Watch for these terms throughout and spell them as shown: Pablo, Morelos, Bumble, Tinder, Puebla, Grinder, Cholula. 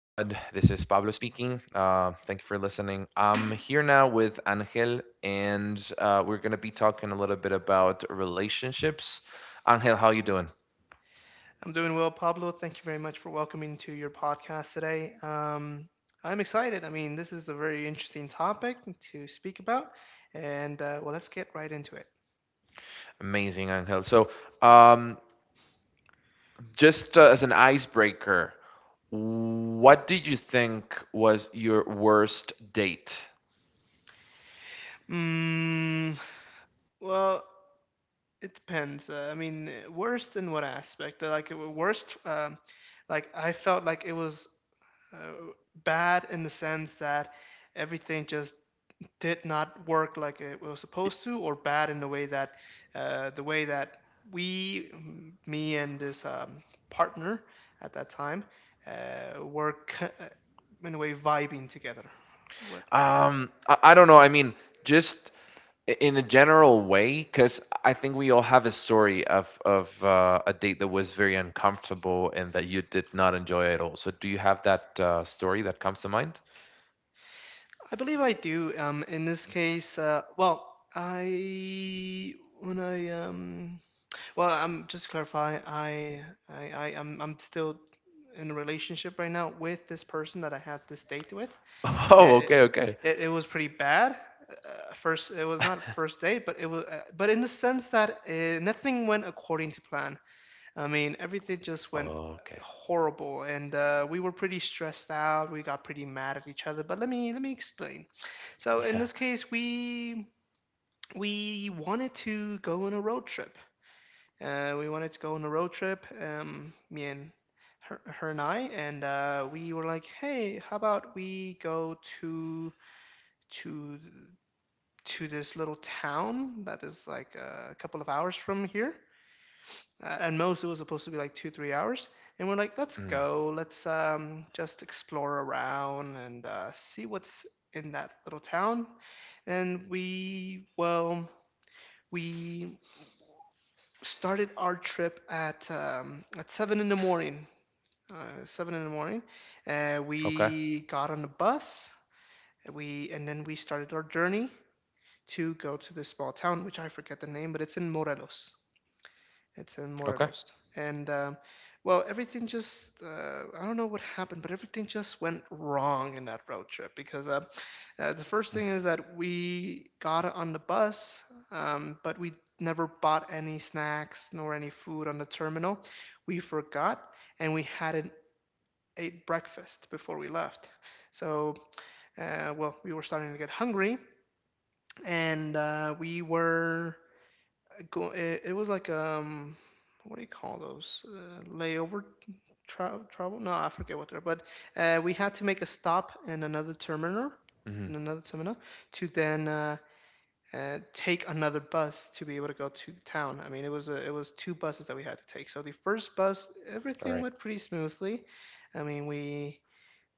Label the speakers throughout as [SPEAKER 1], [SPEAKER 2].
[SPEAKER 1] This is Pablo speaking. Thank you for listening. I'm here now with Angel, and we're gonna be talking a little bit about relationships. Angel, how you doing?
[SPEAKER 2] I'm doing well, Pablo. Thank you very much for welcoming to your podcast today. I'm excited. I mean, this is a very interesting topic to speak about, and well, let's get right into it.
[SPEAKER 1] Amazing, Angel. So, um, just as an icebreaker, what did you think was your worst date?
[SPEAKER 2] Mm, well, it depends. I mean, worst in what aspect? Like worst, like I felt like it was uh, bad in the sense that everything just did not work like it was supposed to, or bad in the way that uh, the way that we, me and this partner at that time, were in a way vibing together. What
[SPEAKER 1] I don't know. I mean, just in a general way, because I think we all have a story of a date that was very uncomfortable and that you did not enjoy at all. So do you have that story that comes to mind?
[SPEAKER 2] I believe I do. In this case, well, I when I well, I'm just to clarify. I'm still in a relationship right now with this person that I had this date with.
[SPEAKER 1] Oh,
[SPEAKER 2] it,
[SPEAKER 1] okay, okay.
[SPEAKER 2] it was pretty bad. First, it was not first date, but in the sense that nothing went according to plan. I mean, everything just went
[SPEAKER 1] Okay.
[SPEAKER 2] horrible, and we were pretty stressed out. We got pretty mad at each other. But let me explain. So in
[SPEAKER 1] Yeah.
[SPEAKER 2] this case, we wanted to go on a road trip. We wanted to go on a road trip. Her and I, and we were like, hey, how about we go to to this little town that is like a couple of hours from here. At most, it was supposed to be like 2 3 hours, and we're like, let's
[SPEAKER 1] mm.
[SPEAKER 2] go, let's just explore around and see what's in that little town. And we well we started our trip at 7 in the morning. Seven in the morning, and
[SPEAKER 1] Okay,
[SPEAKER 2] we got on the bus. We and then we started our journey to go to this small town, which I forget the name, but it's in Morelos. It's in
[SPEAKER 1] okay.
[SPEAKER 2] Morelos. And, well, everything just, I don't know what happened, but everything just went wrong in that road trip because the first thing is that we got on the bus, but we never bought any snacks nor any food on the terminal. We forgot, and we hadn't ate breakfast before we left. So, well, we were starting to get hungry, and we were go, it was like what do you call those layover travel? No, I forget what they're. But we had to make a stop in another terminal,
[SPEAKER 1] Mhm.
[SPEAKER 2] in another terminal, to then take another bus to be able to go to the town. I mean, it was two buses that we had to take. So the first bus,
[SPEAKER 1] All
[SPEAKER 2] everything
[SPEAKER 1] right.
[SPEAKER 2] went pretty smoothly. I mean, we.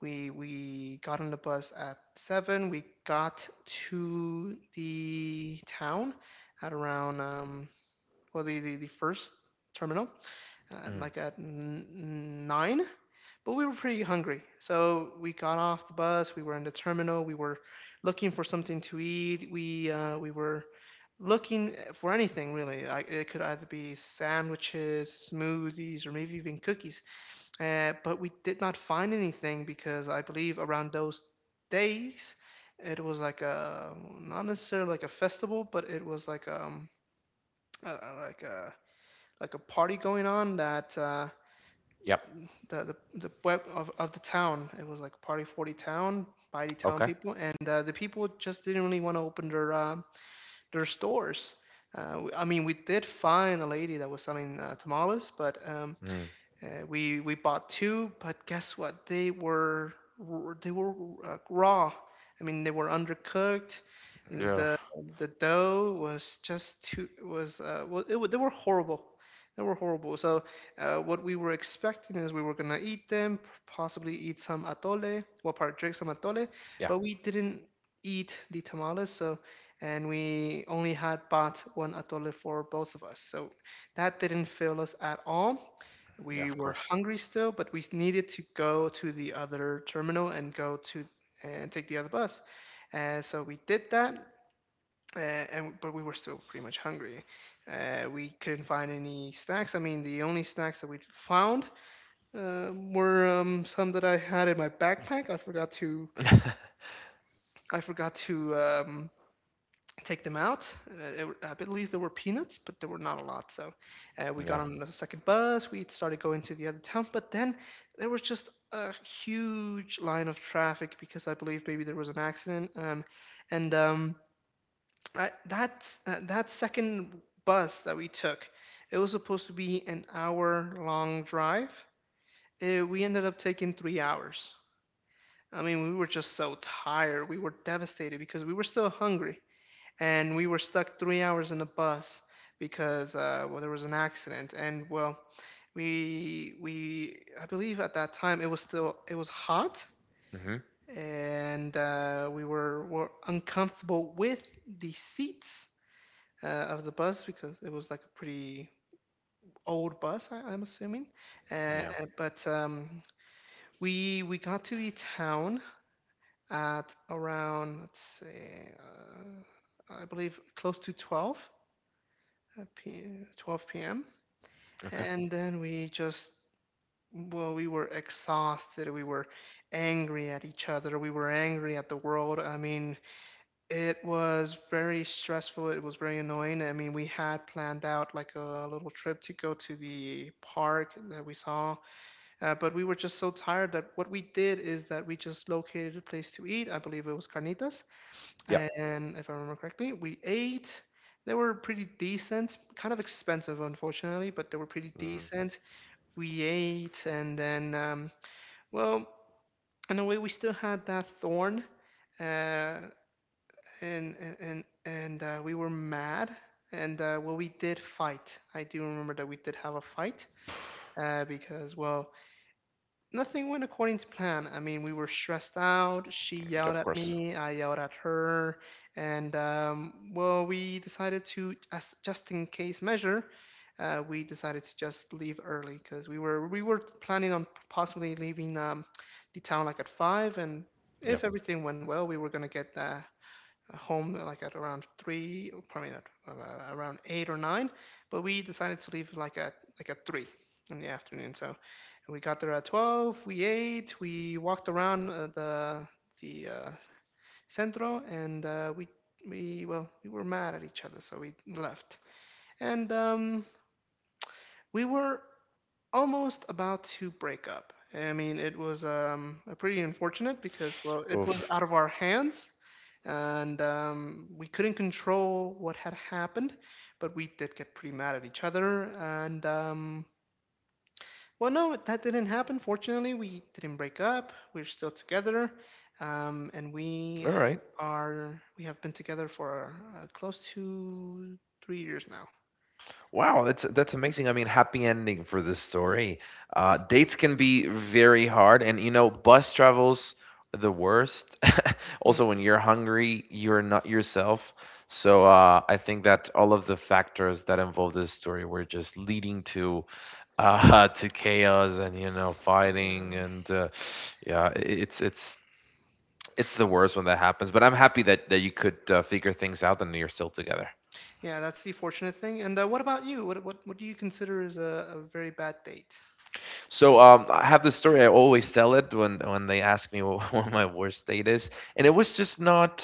[SPEAKER 2] We got on the bus at 7. We got to the town at around well, the first terminal
[SPEAKER 1] mm.
[SPEAKER 2] like at 9, but we were pretty hungry. So we got off the bus. We were in the terminal. We were looking for something to eat. We were looking for anything really. Like it could either be sandwiches, smoothies, or maybe even cookies. But we did not find anything because I believe around those days it was like a not necessarily like a festival, but it was like uh, like a like a party going on that
[SPEAKER 1] Yep.
[SPEAKER 2] the, the web of the town. It was like party 40 town by the town
[SPEAKER 1] Okay.
[SPEAKER 2] people, and the people just didn't really want to open their stores. I mean, we did find a lady that was selling tamales, but um,
[SPEAKER 1] mm.
[SPEAKER 2] uh, we we bought two, but guess what? They were raw. I mean, they were undercooked.
[SPEAKER 1] Yeah,
[SPEAKER 2] The the dough was just too was well, it, wa- they were horrible. So what we were expecting is we were gonna eat them, possibly eat some atole, well, part drink some atole,
[SPEAKER 1] yeah,
[SPEAKER 2] but we didn't eat the tamales. So and we only had bought one atole for both of us. So that didn't fill us at all.
[SPEAKER 1] yeah.
[SPEAKER 2] We
[SPEAKER 1] Of
[SPEAKER 2] were
[SPEAKER 1] course.
[SPEAKER 2] hungry still, but we needed to go to the other terminal and go to and take the other bus. And so we did that, uh, and but we were still pretty much hungry. We couldn't find any snacks. I mean, the only snacks that we found were some that I had in my backpack. I forgot to I forgot to um, take them out. I believe there were peanuts, but there were not a lot. So we got
[SPEAKER 1] Yeah.
[SPEAKER 2] on the second bus. We started going to the other town, but then there was just a huge line of traffic because I believe maybe there was an accident. And I, that that second bus that we took, it was supposed to be an hour long drive. We ended up taking 3 hours. I mean, we were just so tired. We were devastated because we were still hungry and we were stuck 3 hours in the bus because well there was an accident and well we I believe at that time it was still it was hot
[SPEAKER 1] Hmm.
[SPEAKER 2] and we were uncomfortable with the seats of the bus because it was like a pretty old bus. I'm assuming. uh, uh,
[SPEAKER 1] Yeah.
[SPEAKER 2] but we got to the town at around, let's see, I believe close to 12, uh, 12 p.m.
[SPEAKER 1] Okay.
[SPEAKER 2] And then well, we were exhausted. We were angry at each other. We were angry at the world. I mean, it was very stressful. It was very annoying. I mean, we had planned out like a little trip to go to the park that we saw, but we were just so tired that what we did is that we just located a place to eat. I believe it was Carnitas,
[SPEAKER 1] Yeah.
[SPEAKER 2] and if I remember correctly, we ate. They were pretty decent, kind of expensive, unfortunately, but they were pretty
[SPEAKER 1] mm.
[SPEAKER 2] decent. We ate, and then, well, in a way, we still had that thorn, uh, and we were mad, and well, we did fight. I do remember that we did have a fight because, well, nothing went according to plan. I mean, we were stressed out. She yelled
[SPEAKER 1] Of
[SPEAKER 2] at
[SPEAKER 1] course.
[SPEAKER 2] me, I yelled at her, and well, we decided to, as just in case measure, we decided to just leave early because we were planning on possibly leaving the town like at 5, and
[SPEAKER 1] Yeah.
[SPEAKER 2] if everything went well, we were gonna get home like at around 3, or probably not around 8 or 9, but we decided to leave like at 3 in the afternoon. So we got there at 12. We ate. We walked around the centro, and we well, we were mad at each other, so we left. And we were almost about to break up. I mean, it was pretty unfortunate because, well, it was
[SPEAKER 1] Oof.
[SPEAKER 2] out of our hands and we couldn't control what had happened, but we did get pretty mad at each other. And well, no, that didn't happen. Fortunately, we didn't break up. We're still together, and we
[SPEAKER 1] All right.
[SPEAKER 2] are we have been together for close to 3 years now.
[SPEAKER 1] Wow, that's amazing. I mean, happy ending for this story. Dates can be very hard, and you know, bus travels the worst.
[SPEAKER 2] Hmm.
[SPEAKER 1] Also, when you're hungry, you're not yourself. So I think that all of the factors that involve this story were just leading to to chaos, and
[SPEAKER 2] Yeah,
[SPEAKER 1] fighting and yeah, it's it's the worst when that happens. But I'm happy that you could figure things out and you're still together.
[SPEAKER 2] yeah, that's the fortunate thing. And what about you? What do you consider is a very bad date?
[SPEAKER 1] So I have this story. I always tell it when they ask me what, what my worst date is, and it was just not.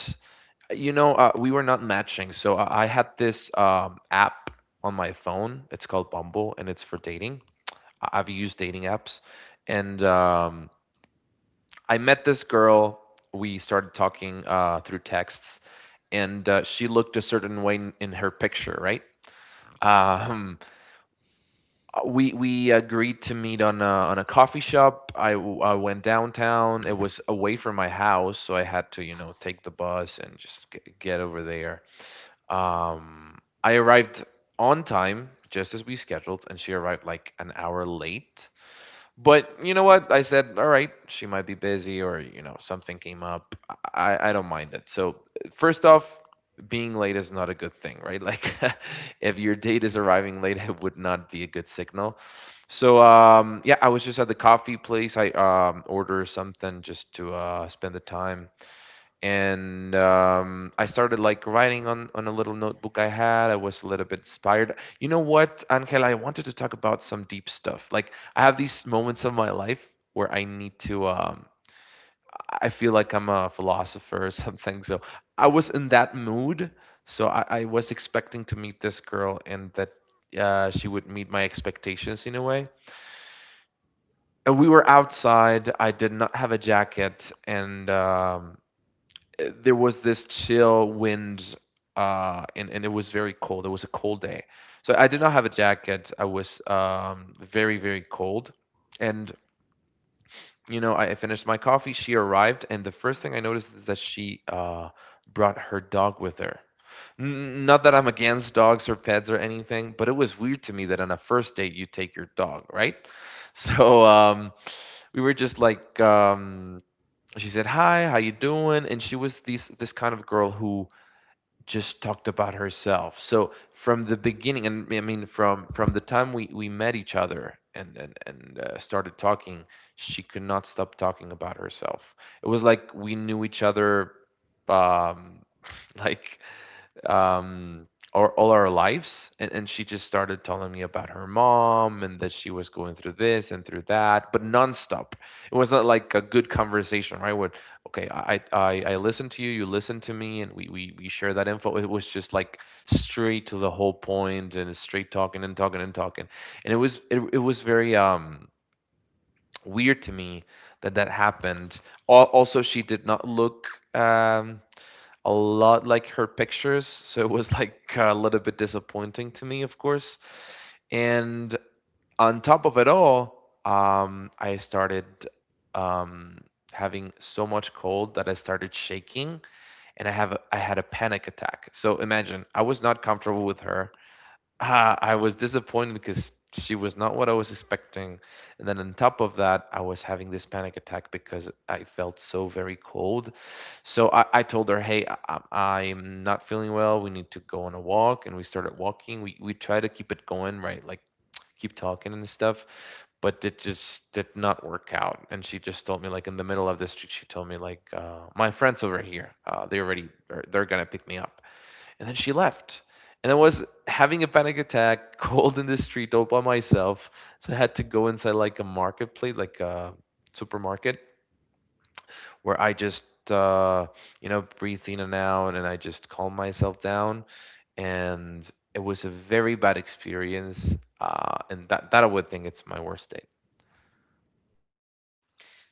[SPEAKER 1] You know, we were not matching. So I had this app on my phone. It's called Bumble, and it's for dating. I've used dating apps, and I met this girl. We started talking through texts, and she looked a certain way in her picture, right? Um, we agreed to meet on a coffee shop. I went downtown. It was away from my house, so I had to, you know, take the bus and just get over there. I arrived on time, just as we scheduled, and she arrived like an hour late. But you know what? I said, all right, she might be busy, or you know, something came up. I don't mind it. So, first off, being late is not a good thing, right? Like, if your date is arriving late, it would not be a good signal. So, yeah, I was just at the coffee place. I ordered something just to spend the time, and I started like writing on a little notebook I had. I was a little bit inspired. You know what, Angela? I wanted to talk about some deep stuff. Like, I have these moments of my life where I need to. I feel like I'm a philosopher or something. So I was in that mood. So I was expecting to meet this girl and that she would meet my expectations in a way. And we were outside. I did not have a jacket, and there was this chill wind, and it was very cold. It was a cold day, so I did not have a jacket. I was very, very cold. And you know, I finished my coffee. She arrived, and the first thing I noticed is that she brought her dog with her. Not that I'm against dogs or pets or anything, but it was weird to me that on a first date you take your dog, right? So we were just like, she said, hi, how you doing? And she was this, this kind of girl who just talked about herself. So from the beginning, and I mean from the time we met each other and started talking, she could not stop talking about herself. It was like we knew each other, um, like um, or all our lives. And she just started telling me about her mom, and that she was going through this and through that, but nonstop. It was not like a good conversation, right? Where, okay, I listen to you, you listen to me, and we share that info. It was just like straight to the whole point and straight talking and talking and talking. And it was very, weird to me that that happened. Also, she did not look, um, a lot like her pictures. So it was like a little bit disappointing to me, of course. And on top of it all, I started um, having so much cold that I started shaking, and I had a panic attack. So imagine, I was not comfortable with her. I was disappointed because she was not what I was expecting. And then on top of that, I was having this panic attack because I felt so very cold. So I told her, hey, I'm not feeling well, we need to go on a walk. And we started walking. We tried to keep it going, right? Like, keep talking and stuff. But it just did not work out. And she just told me, like in the middle of the street, she told me, like, my friends over here, they already, they're going to pick me up. And then she left. And I was having a panic attack, cold in the street, all by myself. So I had to go inside like a marketplace, like a supermarket, where I just, uh, you know, breathe in and out, and I just calm myself down. And it was a very bad experience. That I would think it's my worst date.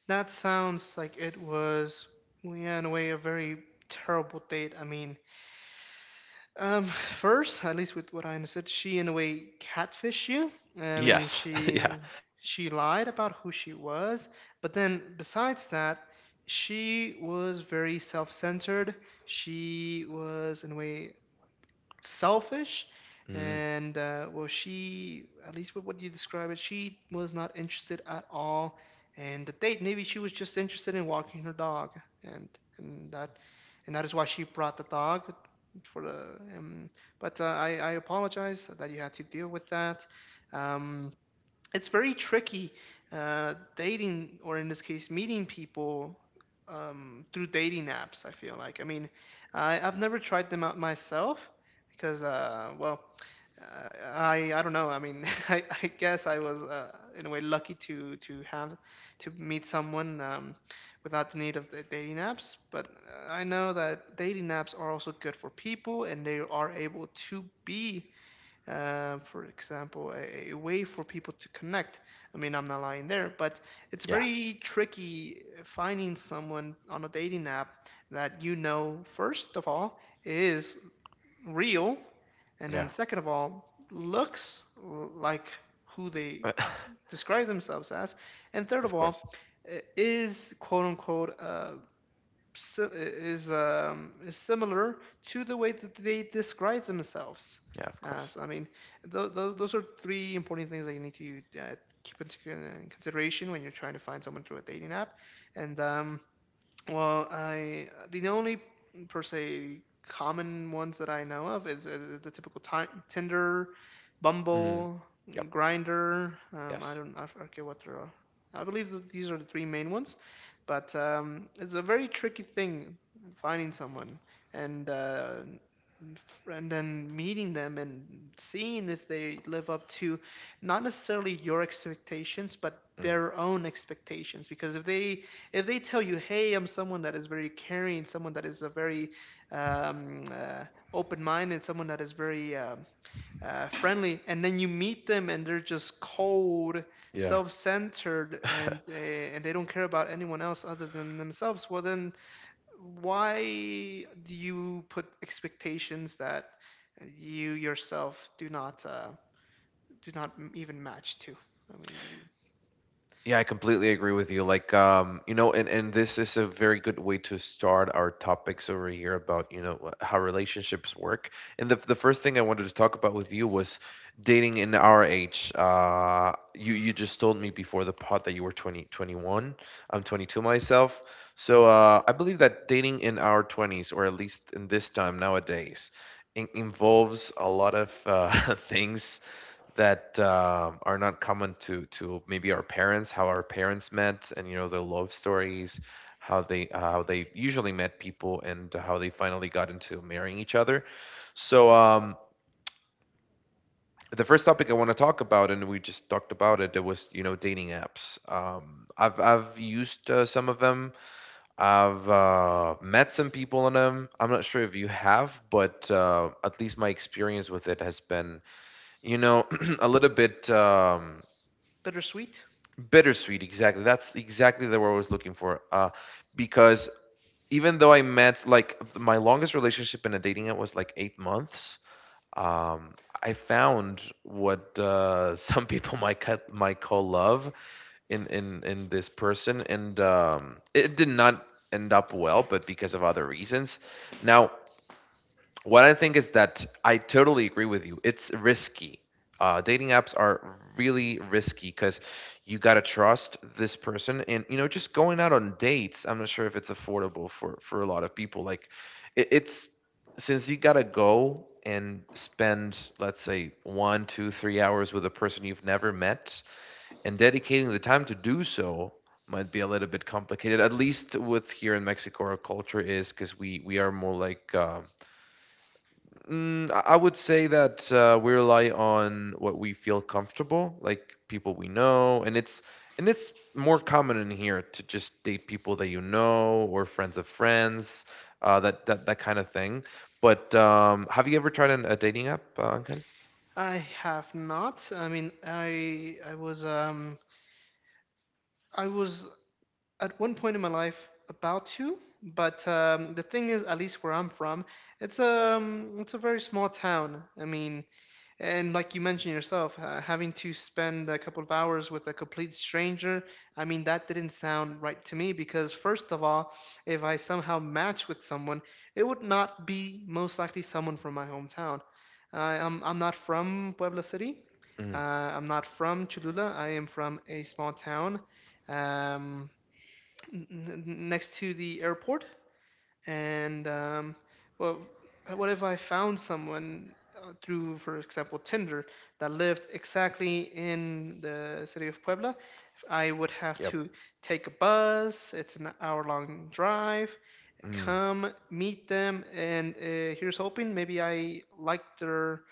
[SPEAKER 2] That sounds like it was, yeah, in a way, a very terrible date. I mean, first, at least with what I understood, she in a way catfished you. I mean,
[SPEAKER 1] Yes. Yeah.
[SPEAKER 2] she lied about who she was, but then besides that, she was very self-centered. She was in a way selfish,
[SPEAKER 1] Mm,
[SPEAKER 2] and well, she, at least with what you describe it, she was not interested at all, and the date, maybe she was just interested in walking her dog, and and that and that is why she brought the dog for the um, but I apologize that you had to deal with that. um, it's very tricky dating, or in this case meeting people through dating apps, I feel like. I mean, I've never tried them out myself because well, I don't know. I mean, I guess I was in a way lucky to have to meet someone without the need of the dating apps. But I know that dating apps are also good for people and they are able to be for example, a way for people to connect. I mean, I'm not lying there, but it's
[SPEAKER 1] yeah.
[SPEAKER 2] very tricky finding someone on a dating app that, you know, first of all, is real, and
[SPEAKER 1] Yeah.
[SPEAKER 2] then second of all, looks like who they
[SPEAKER 1] Of
[SPEAKER 2] describe themselves as, and third of all,
[SPEAKER 1] course.
[SPEAKER 2] is quote unquote, is similar to the way that they describe themselves.
[SPEAKER 1] Yeah, of
[SPEAKER 2] Uh,
[SPEAKER 1] course.
[SPEAKER 2] so I mean, those are three important things that you need to keep into consideration when you're trying to find someone through a dating app. And Well, I the only per se common ones that I know of is the typical ti Tinder,
[SPEAKER 1] Mm,
[SPEAKER 2] Bumble,
[SPEAKER 1] yep.
[SPEAKER 2] Grinder. I
[SPEAKER 1] Yes.
[SPEAKER 2] don't I forget what there are. I believe that these are the three main ones, but it's a very tricky thing finding someone and uh, and then meeting them and seeing if they live up to not necessarily your expectations, but
[SPEAKER 1] Mm.
[SPEAKER 2] their own expectations. Because if they tell you, hey, I'm someone that is very caring, someone that is a very um, uh, open minded, someone that is very friendly, and then you meet them and they're just cold,
[SPEAKER 1] Yeah.
[SPEAKER 2] self centered, and they don't care about anyone else other than themselves, well, then why do you put expectations that you yourself do not even match to? I mean, you,
[SPEAKER 1] Yeah, I completely agree with you. Like, you know, and this is a very good way to start our topics over here about, you know, how relationships work. And the first thing I wanted to talk about with you was dating in our age. You you just told me before the pod that you were twenty twenty-one. I'm 22 myself. So, I believe that dating in our 20s, or at least in this time nowadays, in involves a lot of things that are not common to maybe our parents, how our parents met, and you know, their love stories, how they usually met people, and how they finally got into marrying each other. So the first topic I want to talk about, and we just talked about it, it was, you know, dating apps. I've used some of them. I've met some people on them. I'm not sure if you have, but at least my experience with it has been, you know, a little bit.
[SPEAKER 2] bittersweet.
[SPEAKER 1] Bittersweet, exactly. That's exactly the word I was looking for. Because even though I met, like, my longest relationship in a dating app was like 8 months, um, I found what some people might might call love in this person, and it did not end up well, but because of other reasons. Now, what I think is that I totally agree with you. It's risky. Dating apps are really risky because you gotta trust this person, and you know, just going out on dates. I'm not sure if it's affordable for a lot of people. Like, it's since you gotta go and spend, let's say, one, two, 3 hours with a person you've never met, and dedicating the time to do so might be a little bit complicated. At least with here in Mexico, our culture is because we are more like. I would say that we rely on what we feel comfortable, like people we know. And it's more common in here to just date people that you know, or friends of friends, that kind of thing. But have you ever tried a dating app, Uncle?
[SPEAKER 2] I have not. I mean, I was at one point in my life about to, but the thing is, at least where I'm from, it's a very small town. I mean, and like you mentioned yourself, having to spend a couple of hours with a complete stranger, I mean, that didn't sound right to me because, first of all, if I somehow match with someone, it would not be most likely someone from my hometown. I'm not from Puebla City.
[SPEAKER 1] Mm,
[SPEAKER 2] I'm not from Cholula. I am from a small town, um, n- n- next to the airport, and well, what if I found someone through, for example, Tinder that lived exactly in the city of Puebla? I would have
[SPEAKER 1] yep.
[SPEAKER 2] to take a bus. It's an hour-long drive,
[SPEAKER 1] Mm,
[SPEAKER 2] come meet them, and here's hoping. Maybe I like their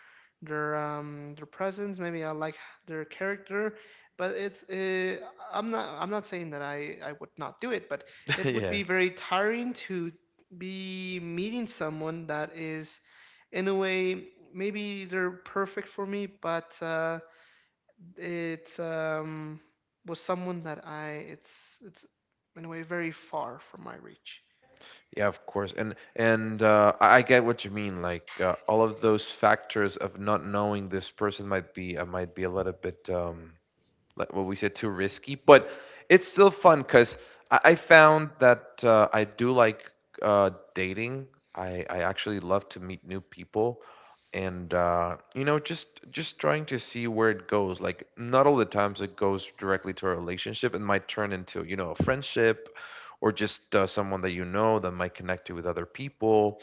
[SPEAKER 2] their presence. Maybe I like their character, but it's I'm not saying that I would not do it, but it would
[SPEAKER 1] yeah.
[SPEAKER 2] be very tiring to be meeting someone that is in a way maybe they're perfect for me, but it's was someone that I it's in a way very far from my reach.
[SPEAKER 1] Yeah, of course. And I get what you mean. All of those factors of not knowing this person might be a little bit like what we said, too risky, but it's still fun because I found that I do like dating. I actually love to meet new people, and just trying to see where it goes. Like, not all the times it goes directly to a relationship. It might turn into, you know, a friendship, or just someone that you know that might connect you with other people.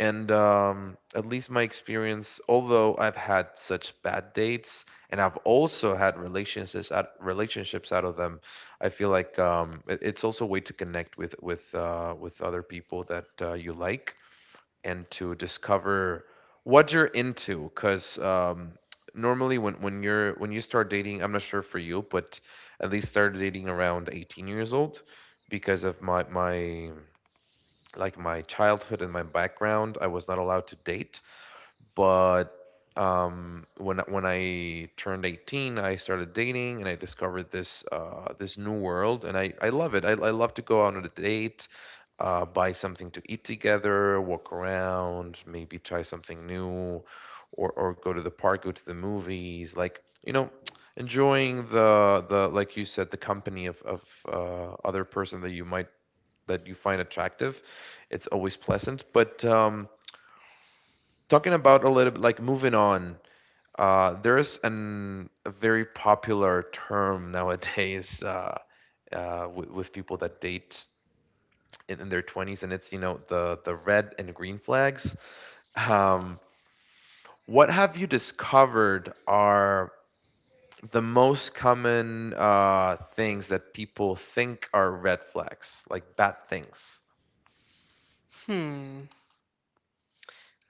[SPEAKER 1] And at least my experience, although I've had such bad dates, and I've also had relationships out of them, I feel like it's also a way to connect with with other people that you like, and to discover what you're into. Because normally, when you're when you start dating, I'm not sure for you, but at least started dating around 18 years old. Because of my like my childhood and my background, I was not allowed to date. But when I turned 18, I started dating and I discovered this new world, and I love it. I love to go out on a date. Buy something to eat together, walk around, maybe try something new, or go to the park, go to the movies, like, you know, enjoying the, like you said, the company of other person that you might, that you find attractive. It's always pleasant. But talking about a little bit like moving on, there's an a very popular term nowadays with people that date in their 20s, and it's, you know, the red and green flags. Um, what have you discovered are the most common things that people think are red flags, like bad things?
[SPEAKER 2] Hmm.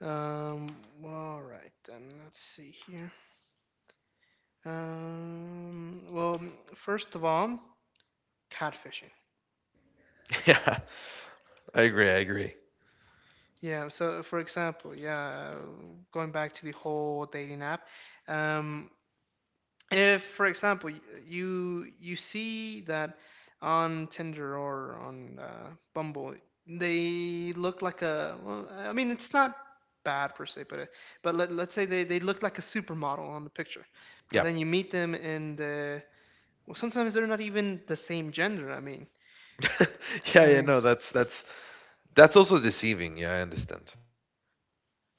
[SPEAKER 2] Um, all right, then let's see here. Well, first of all, catfishing.
[SPEAKER 1] Yeah, I agree. I agree.
[SPEAKER 2] Yeah, so for example, yeah, going back to the whole dating app, um, if for example you see that on Tinder or on Bumble, they look like a, well, I mean, it's not bad per se, but let's say they look like a supermodel on the picture, but
[SPEAKER 1] Yeah.
[SPEAKER 2] then you meet them in the Well, sometimes they're not even the same gender.
[SPEAKER 1] Yeah,
[SPEAKER 2] I
[SPEAKER 1] yeah,
[SPEAKER 2] mean,
[SPEAKER 1] no, that's also deceiving. Yeah, I understand.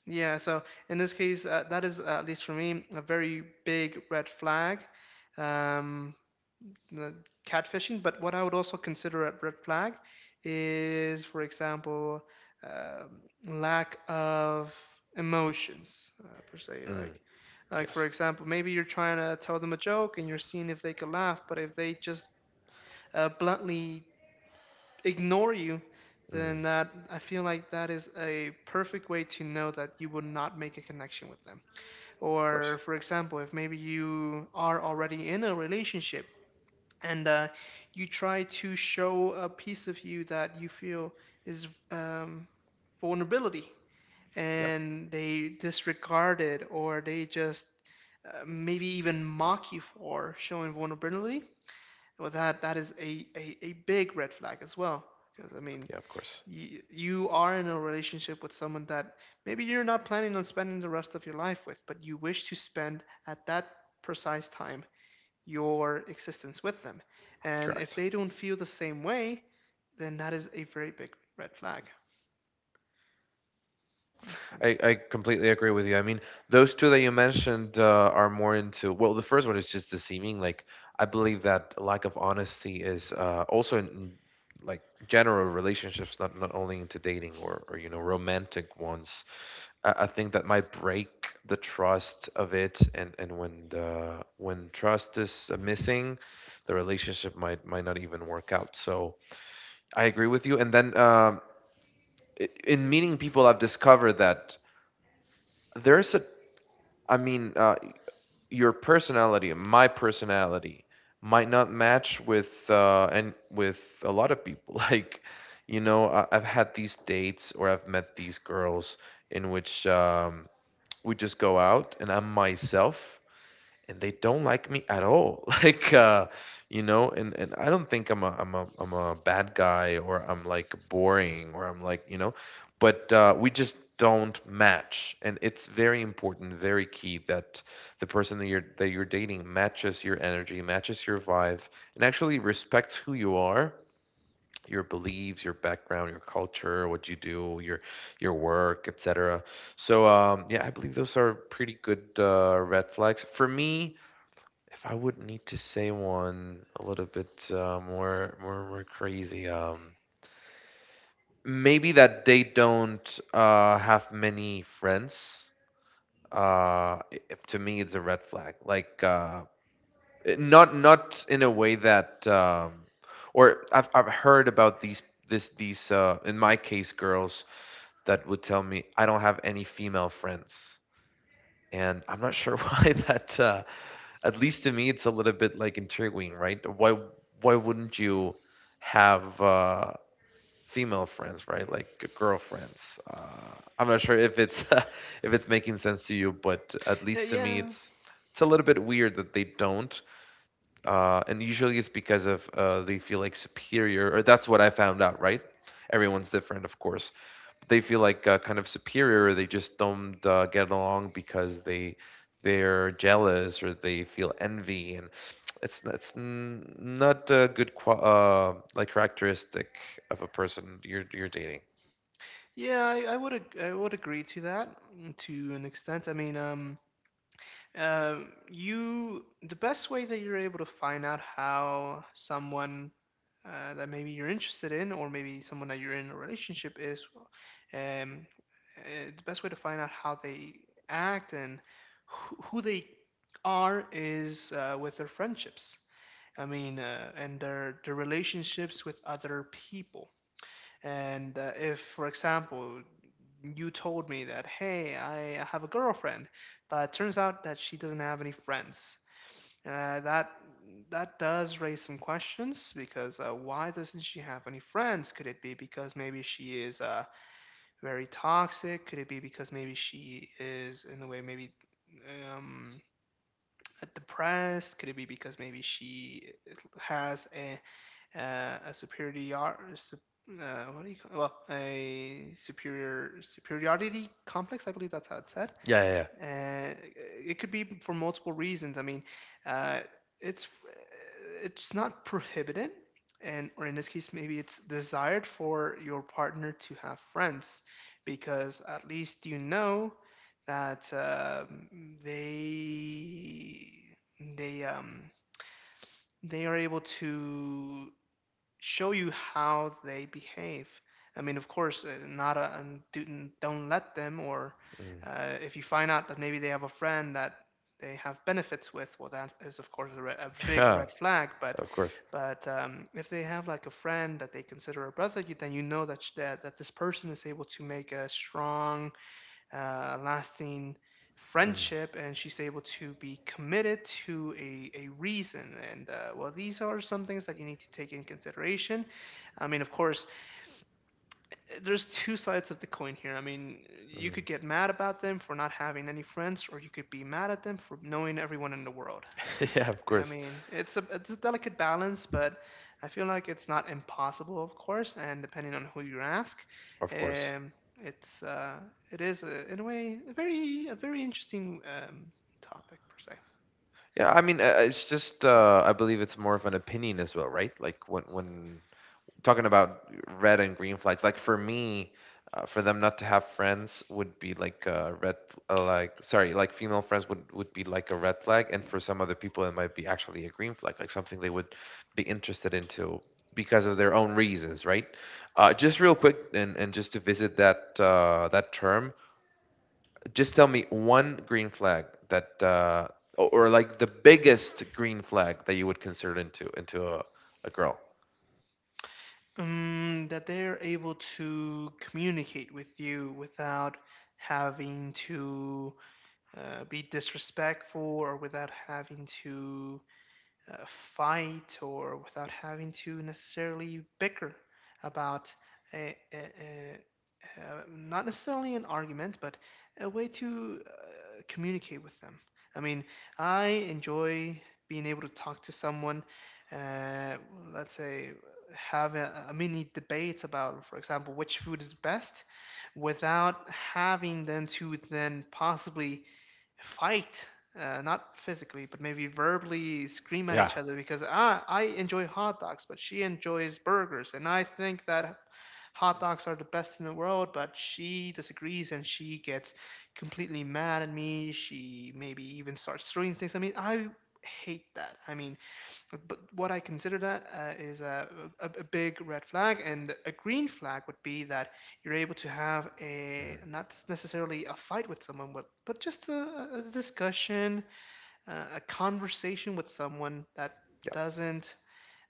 [SPEAKER 2] yeah. So in this case, that is at least for me a very big red flag. Um, the catfishing. But what I would also consider a red flag is, for example, um lack of emotions, per se.
[SPEAKER 1] Mm,
[SPEAKER 2] Like for
[SPEAKER 1] yes.
[SPEAKER 2] example, maybe you're trying to tell them a joke and you're seeing if they could laugh, but if they just bluntly ignore you,
[SPEAKER 1] Mm,
[SPEAKER 2] then that I feel like that is a perfect way to know that you will not make a connection with them.
[SPEAKER 1] of course.
[SPEAKER 2] Or for example, if maybe you are already in a relationship and you try to show a piece of you that you feel is, vulnerability,
[SPEAKER 1] Yeah.
[SPEAKER 2] and they disregard it or they just maybe even mock you for showing vulnerability, well, that is a, a big red flag as well, because I mean
[SPEAKER 1] Yeah, of course.
[SPEAKER 2] you, you are in a relationship with someone that maybe you're not planning on spending the rest of your life with, but you wish to spend at that precise time your existence with them. And if
[SPEAKER 1] Correct.
[SPEAKER 2] they don't feel the same way, then that is a very big red flag.
[SPEAKER 1] I,
[SPEAKER 2] Mhm.
[SPEAKER 1] I completely agree with you. I mean, those two that you mentioned are more into, well, the first one is just deceiving. Like, I believe that lack of honesty is also like general relationships, not not only into dating, or, you know, romantic ones. I think that might break the trust of it. And when trust is missing, the relationship might not even work out. So I agree with you. And then in meeting people, I've discovered that there's a, I mean, your personality, my personality, might not match with a lot of people. Like, you know, I've had these dates, or I've met these girls in which. We just go out and I'm myself and they don't like me at all. Like you know, and I don't think I'm a bad guy, or I'm like boring, or I'm like, you know, but we just don't match. And it's very important, very key, that the person that you're dating matches your energy, matches your vibe, and actually respects who you are, your beliefs, your background, your culture, what you do, your work, etc. So yeah, I believe those are pretty good red flags for me. If I would need to say one a little bit more crazy, maybe that they don't have many friends. Uh, i- to me, it's a red flag. Like not in a way that, or I've heard about these in my case girls that would tell me, I don't have any female friends. And I'm not sure why that. At least to me, it's a little bit like intriguing, right? Why wouldn't you have female friends, right? Like girlfriends. I'm not sure if it's if it's making sense to you, but at
[SPEAKER 2] Yeah,
[SPEAKER 1] least to me,
[SPEAKER 2] yeah,
[SPEAKER 1] it's a little bit weird that they don't. And usually it's because of they feel like superior, or that's what I found out. Right? Everyone's different, of course. They feel like kind of superior. Or They just don't get along because they, they're jealous or they feel envy, and it's not a good qua like characteristic of a person you're dating.
[SPEAKER 2] yeah. I would I would agree to that, to an extent. I mean, you the best way that you're able to find out how someone that maybe you're interested in, or maybe someone that you're in a relationship is, um, the best way to find out how they act and who they are is with their friendships. I mean, and their relationships with other people. And if, for example, you told me that, hey, I have a girlfriend, but it turns out that she doesn't have any friends, uh, that that does raise some questions because, why doesn't she have any friends? Could it be because maybe she is, very toxic? Could it be because maybe she is in a way maybe, um, depressed? Could it be because maybe she has a, a superior, what do you call, well, a superior superiority complex? I believe that's how it's said.
[SPEAKER 1] Yeah, yeah,
[SPEAKER 2] Uh, it could be for multiple reasons. I mean, uh, it's it's not prohibited, and or in this case maybe it's desired for your partner to have friends because at least you know that, they they um they are able to show you how they behave. I mean, of course, not a, and do, don't let them, or
[SPEAKER 1] yeah. Mm.
[SPEAKER 2] if you find out that maybe they have a friend that they have benefits with, well, that is of course a, a big
[SPEAKER 1] Yeah,
[SPEAKER 2] red flag. But
[SPEAKER 1] of course.
[SPEAKER 2] if they have like a friend that they consider a brother, you, then you know that, that this person is able to make a strong, lasting
[SPEAKER 1] Mm.
[SPEAKER 2] friendship, and she's able to be committed to a reason, and well, these are some things that you need to take in consideration. I mean, of course, there's two sides of the coin here. I mean, you
[SPEAKER 1] Mm.
[SPEAKER 2] could get mad about them for not having any friends, or you could be mad at them for knowing everyone in the world.
[SPEAKER 1] Yeah, of
[SPEAKER 2] I
[SPEAKER 1] course,
[SPEAKER 2] mean, it's a delicate balance, but I feel like it's not impossible, of course. And depending on who you ask,
[SPEAKER 1] of course.
[SPEAKER 2] um, it's uh, it is a, in a way, a very interesting, topic per se.
[SPEAKER 1] Yeah, I mean, it's just I believe it's more of an opinion as well, right? Like, when talking about red and green flags, like, for me, for them not to have friends would be like a red, like, sorry, like female friends would be like a red flag, and for some other people it might be actually a green flag, like something they would be interested into because of their own reasons, right? Just real quick, and just to visit that that term, just tell me one green flag that, or like the biggest green flag that you would consider into a girl.
[SPEAKER 2] That they're able to communicate with you without having to, be disrespectful, or without having to, fight, or without having to necessarily bicker about a, a, not necessarily an argument, but a way to, communicate with them. I mean, I enjoy being able to talk to someone, uh, let's say, have a mini debate about, for example, which food is best without having then to then possibly fight, not physically, but maybe verbally scream at
[SPEAKER 1] Yeah.
[SPEAKER 2] each other because, ah, I enjoy hot dogs but she enjoys burgers, and I think that hot dogs are the best in the world, but she disagrees and she gets completely mad at me, she maybe even starts throwing things. I mean, I hate that. I mean, but what I consider that is a, a big red flag, and a green flag would be that you're able to have
[SPEAKER 1] Mhm.
[SPEAKER 2] a not necessarily a fight with someone, but just a discussion, a conversation with someone that
[SPEAKER 1] Yeah,
[SPEAKER 2] doesn't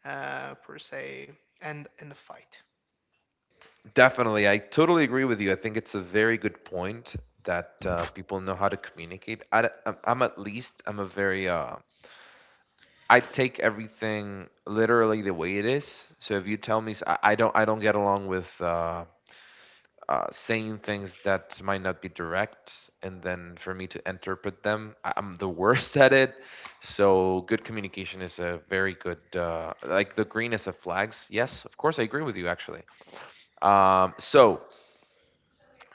[SPEAKER 2] per se end in a fight.
[SPEAKER 1] definitely. I totally agree with you. I think it's a very good point that people know how to communicate. I, am I'm at least I'm a very I take everything literally the way it is. So if you tell me I don't get along with saying things that might not be direct, and then for me to interpret them I'm the worst at it. So good communication is a very good like the greenness of flags, yes, of course, I agree with you actually. So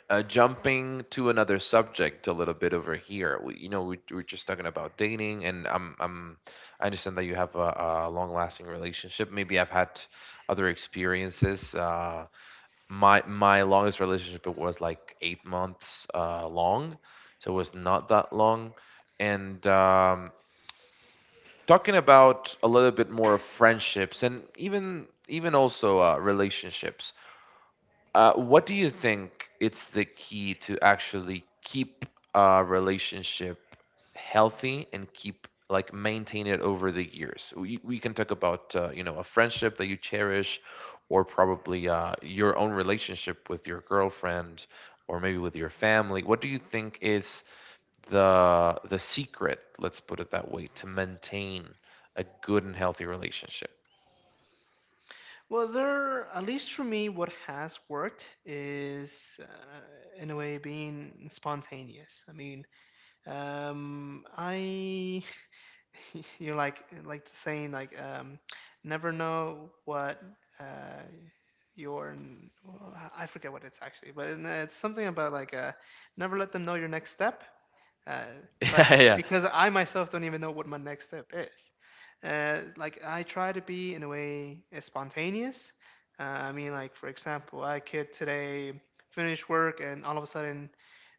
[SPEAKER 1] jumping to another subject a little bit over here, you know, we, we're just talking about dating, and I'm, I understand that you have a long lasting relationship. Maybe I've had other experiences. My longest relationship was like 8 months long, so it was not that long. And talking about a little bit more of friendships, and even also relationships. What do you think it's the key to actually keep a relationship healthy and keep, like, maintain it over the years? We can talk about you know, a friendship that you cherish, or probably your own relationship with your girlfriend, or maybe with your family. What do you think is the secret? Let's put it that way, to maintain a good and healthy relationship.
[SPEAKER 2] Well, there, at least for me, what has worked is in a way being spontaneous. I mean, I You're like saying like, never know what, uh, well, I forget what it's actually, but it's something about like, never let them know your next step. Uh, but
[SPEAKER 1] Yeah. Yeah.
[SPEAKER 2] because I myself don't even know what my next step is, like I try to be in a way spontaneous. Uh, I mean, like for example, I could today finish work and all of a sudden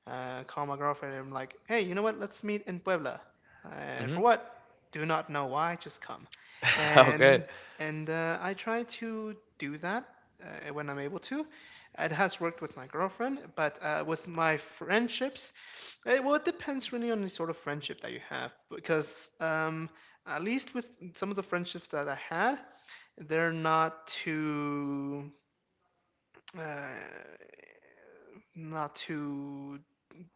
[SPEAKER 2] call my girlfriend and I'm like, hey, you know what? Let's meet in Puebla. And
[SPEAKER 1] Hmm.
[SPEAKER 2] for what? Do not know why. Just come.
[SPEAKER 1] Okay.
[SPEAKER 2] And and I try to do that when I'm able to. It has worked with my girlfriend, but with my friendships, it, well, it depends really on the sort of friendship that you have. Because at least with some of the friendships that I had, they're not too, uh, not too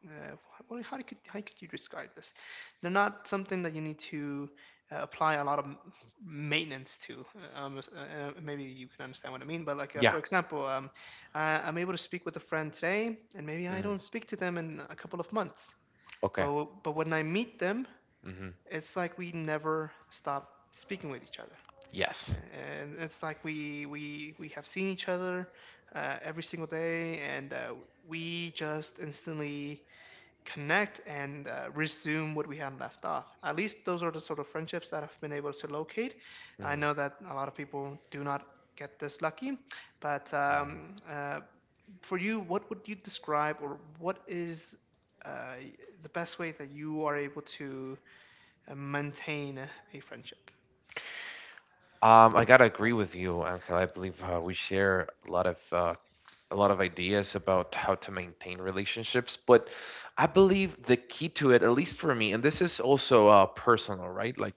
[SPEAKER 2] uh, what, how could you describe this? They're not something that you need to apply a lot of maintenance to. Maybe you can understand what I mean. But
[SPEAKER 1] Yeah.
[SPEAKER 2] for example, I'm able to speak with a friend today, and maybe I
[SPEAKER 1] Mm.
[SPEAKER 2] don't speak to them in a couple of months.
[SPEAKER 1] Okay.
[SPEAKER 2] But when I meet them,
[SPEAKER 1] Hmm.
[SPEAKER 2] it's like we never stop speaking with each other,
[SPEAKER 1] Yes.
[SPEAKER 2] and it's like we have seen each other every single day, and we just instantly connect and resume what we had left off. At least those are the sort of friendships that I've been able to locate. I
[SPEAKER 1] Mhm.
[SPEAKER 2] know that a lot of people do not get this lucky, but
[SPEAKER 1] Mhm.
[SPEAKER 2] for you, what would you describe or what is uh, the best way that you are able to maintain a friendship?
[SPEAKER 1] I gotta agree
[SPEAKER 2] Well,
[SPEAKER 1] with you, Angel. I believe we share a lot of ideas about how to maintain relationships. But I believe the key to it, at least for me, and this is also personal, right? Like,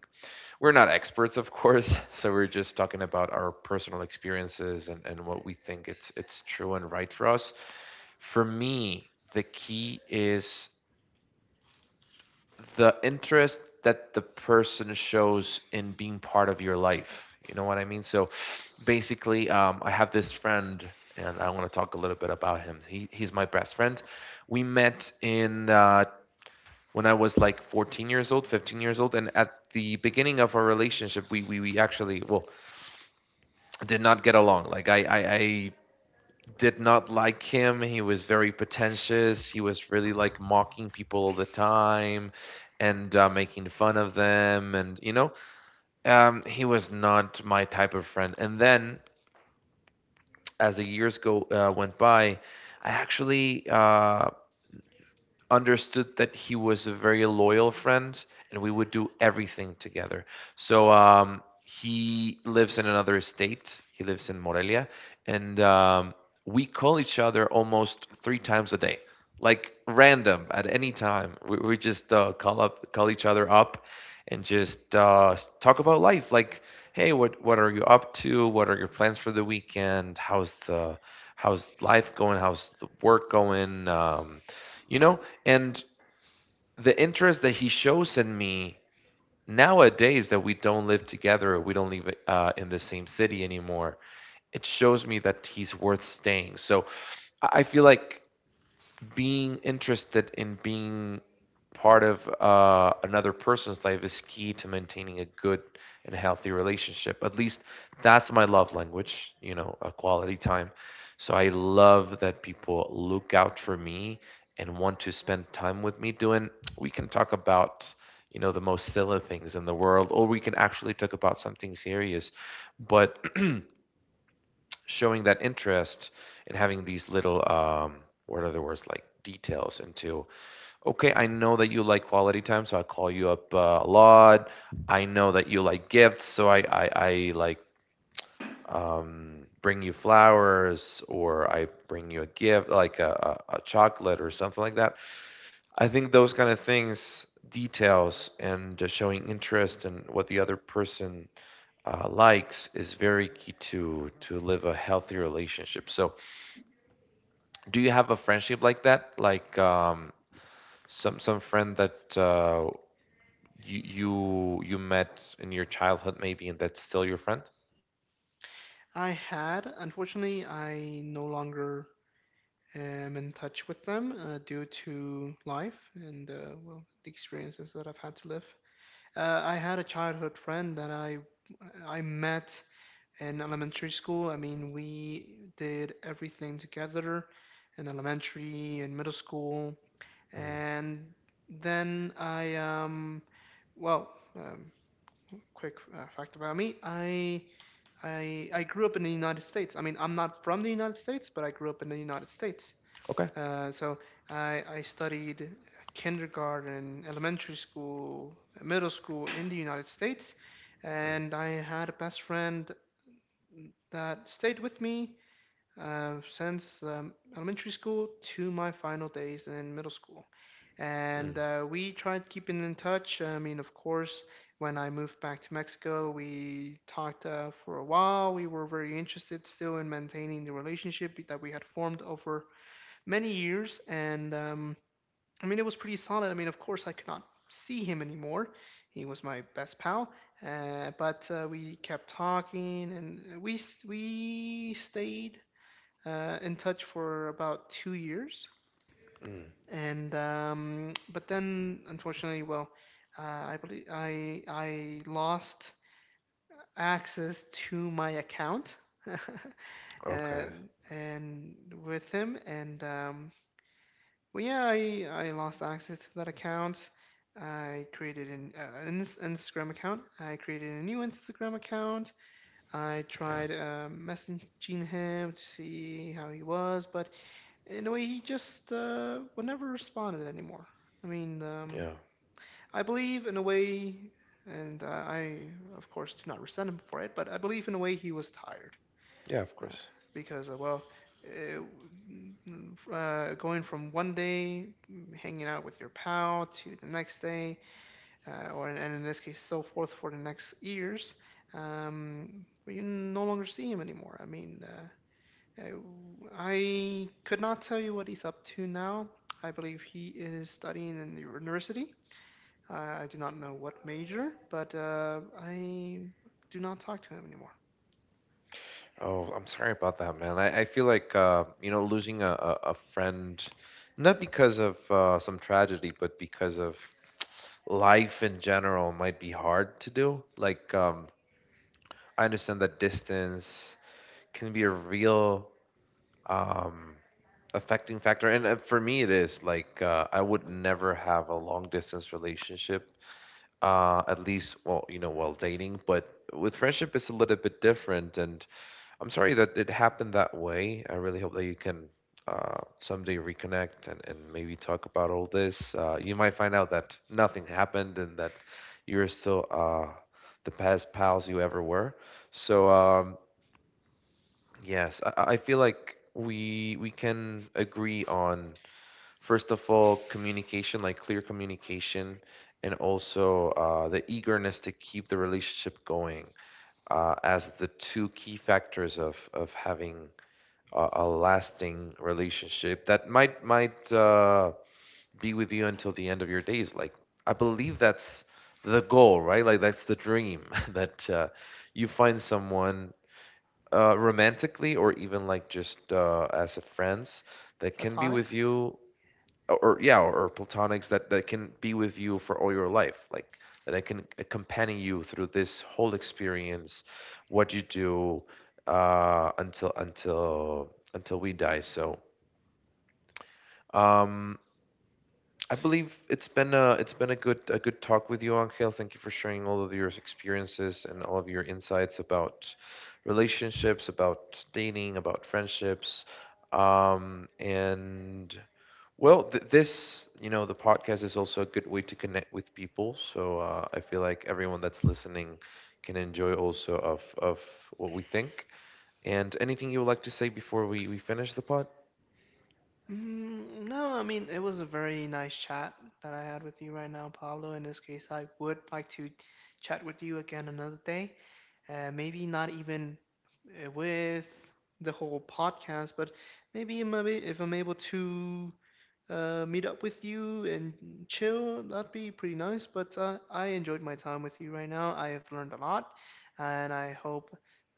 [SPEAKER 1] we're not experts, of course, so we're just talking about our personal experiences, and what we think it's true and right for us. For me, the key is the interest that the person shows in being part of your life. You know what I mean? So basically, I have this friend, and I want to talk a little bit about him. He's my best friend. We met in when I was like 14 years old, 15 years old, and at the beginning of our relationship, we actually, well, did not get along. Like I did not like him. He was very pretentious. He was really like mocking people all the time and making fun of them. And, you know, he was not my type of friend. And then as the years go went by, I actually understood that he was a very loyal friend, and we would do everything together. So he lives in another state, he lives in Morelia. And we call each other almost three times a day, like random at any time. We just call up, call each other up, and just talk about life. Like, hey, what are you up to? What are your plans for the weekend? How's the how's life going? How's the work going? You know, and the interest that he shows in me nowadays, that we don't live together, we don't live in the same city anymore, it shows me that he's worth staying. So I feel like being interested in being part of another person's life is key to maintaining a good and healthy relationship. At least that's my love language, you know, a quality time. So I love that people look out for me and want to spend time with me doing, we can talk about, you know, the most silly things in the world, or we can actually talk about something serious. But showing that interest and having these little, what are the words, like details into, okay, I know that you like quality time, so I call you up a lot. I know that you like gifts, so I like bring you flowers, or I bring you a gift, like a chocolate or something like that. I think those kind of things, details, and just showing interest in what the other person likes is very key to live a healthy relationship. So, do you have a friendship like that? Like some friend that you met in your childhood, maybe, and that's still your friend.
[SPEAKER 2] I had, unfortunately, I no longer am in touch with them due to life and well, the experiences that I've had to live. I had a childhood friend that I met in elementary school. I mean, we did everything together in elementary and middle school,
[SPEAKER 1] Mm.
[SPEAKER 2] and then I well quick fact about me, I grew up in the United States. I mean, I'm not from the United States, but I grew up in the United States,
[SPEAKER 1] Okay.
[SPEAKER 2] so I studied kindergarten, elementary school, middle school in the United States,
[SPEAKER 1] Mm.
[SPEAKER 2] and I had a best friend that stayed with me since elementary school to my final days in middle school.
[SPEAKER 1] Mm,
[SPEAKER 2] And we tried keeping in touch. I mean, of course, when I moved back to Mexico, we talked for a while. We were very interested still in maintaining the relationship that we had formed over many years, and I mean, it was pretty solid. I mean, of course, I could not see him anymore. He was my best pal, but we kept talking, and we stayed in touch for about 2 years.
[SPEAKER 1] mm.
[SPEAKER 2] And but then, unfortunately, well, I believe I lost access to my account uh,
[SPEAKER 1] Okay.
[SPEAKER 2] and with him, and well, yeah, I lost access to that account. I created an Instagram account. I created a new Instagram account. I
[SPEAKER 1] Yeah.
[SPEAKER 2] tried messaging him to see how he was, but in a way, he just would never responded anymore. I mean,
[SPEAKER 1] Yeah.
[SPEAKER 2] I believe in a way, and of course, do not resent him for it, but I believe in a way he was tired
[SPEAKER 1] Yeah, of
[SPEAKER 2] uh,
[SPEAKER 1] course.
[SPEAKER 2] because going from one day hanging out with your pal to the next day or and in this case so forth for the next years. Well, you no longer see him anymore. Uh, I could not tell you what he's up to now. I believe he is studying in the university. uh, I do not know what major, but I do not talk to him anymore.
[SPEAKER 1] Oh, I'm sorry about that, man. I feel like you know, losing a friend, not because of some tragedy, but because of life in general might be hard to do. Like I understand that distance can be a real um, affecting factor, and for me it is like I would never have a long distance relationship, at least, well, you know, while dating, but with friendship it's a little bit different. And I'm sorry that it happened that way. I really hope that you can someday reconnect, and maybe talk about all this. You might find out that nothing happened and that you're still the best pals you ever were. So yes, I feel like we can agree on, first of all, communication, like clear communication, and also the eagerness to keep the relationship going, as the two key factors of having a lasting relationship that might be with you until the end of your days. Like, I believe that's the goal, right? Like, that's the dream that you find someone romantically, or even like just as a friends, that can be with
[SPEAKER 2] Platonics.
[SPEAKER 1] you, or yeah, or platonics, that that can be with you for all your life. Like, that I can accompany you through this whole experience, what you do until we die. So um, I believe it's been a good a good talk with you, Angel. Thank you for sharing all of your experiences and all of your insights about relationships, about dating, about friendships. And well, this, you know, the podcast is also a good way to connect with people. So I feel like everyone that's listening can enjoy also of what we think. And anything you would like to say before we finish the pod?
[SPEAKER 2] Mm, no, I mean, it was a very nice chat that I had with you right now, Pablo. In this case, I would like to chat with you again another day. Maybe not even with the whole podcast, but maybe if I'm able to meet up with you and chill. That'd be pretty nice. But I enjoyed my time with you right now. I have learned a lot, and I hope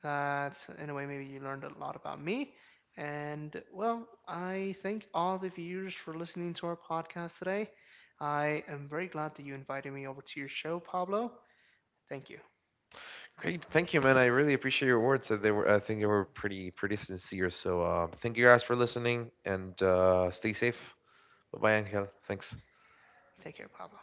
[SPEAKER 2] that in a way maybe you learned a lot about me. And well, I thank all the viewers for listening to our podcast today. I am very glad that you invited me over to your show, Pablo. Thank you.
[SPEAKER 1] Great, thank you, man. I really appreciate your words. They were, I think, they were pretty, pretty sincere. So, thank you guys for listening, and stay safe. Bye, bye, Angel. Thanks.
[SPEAKER 2] Take care, Pablo.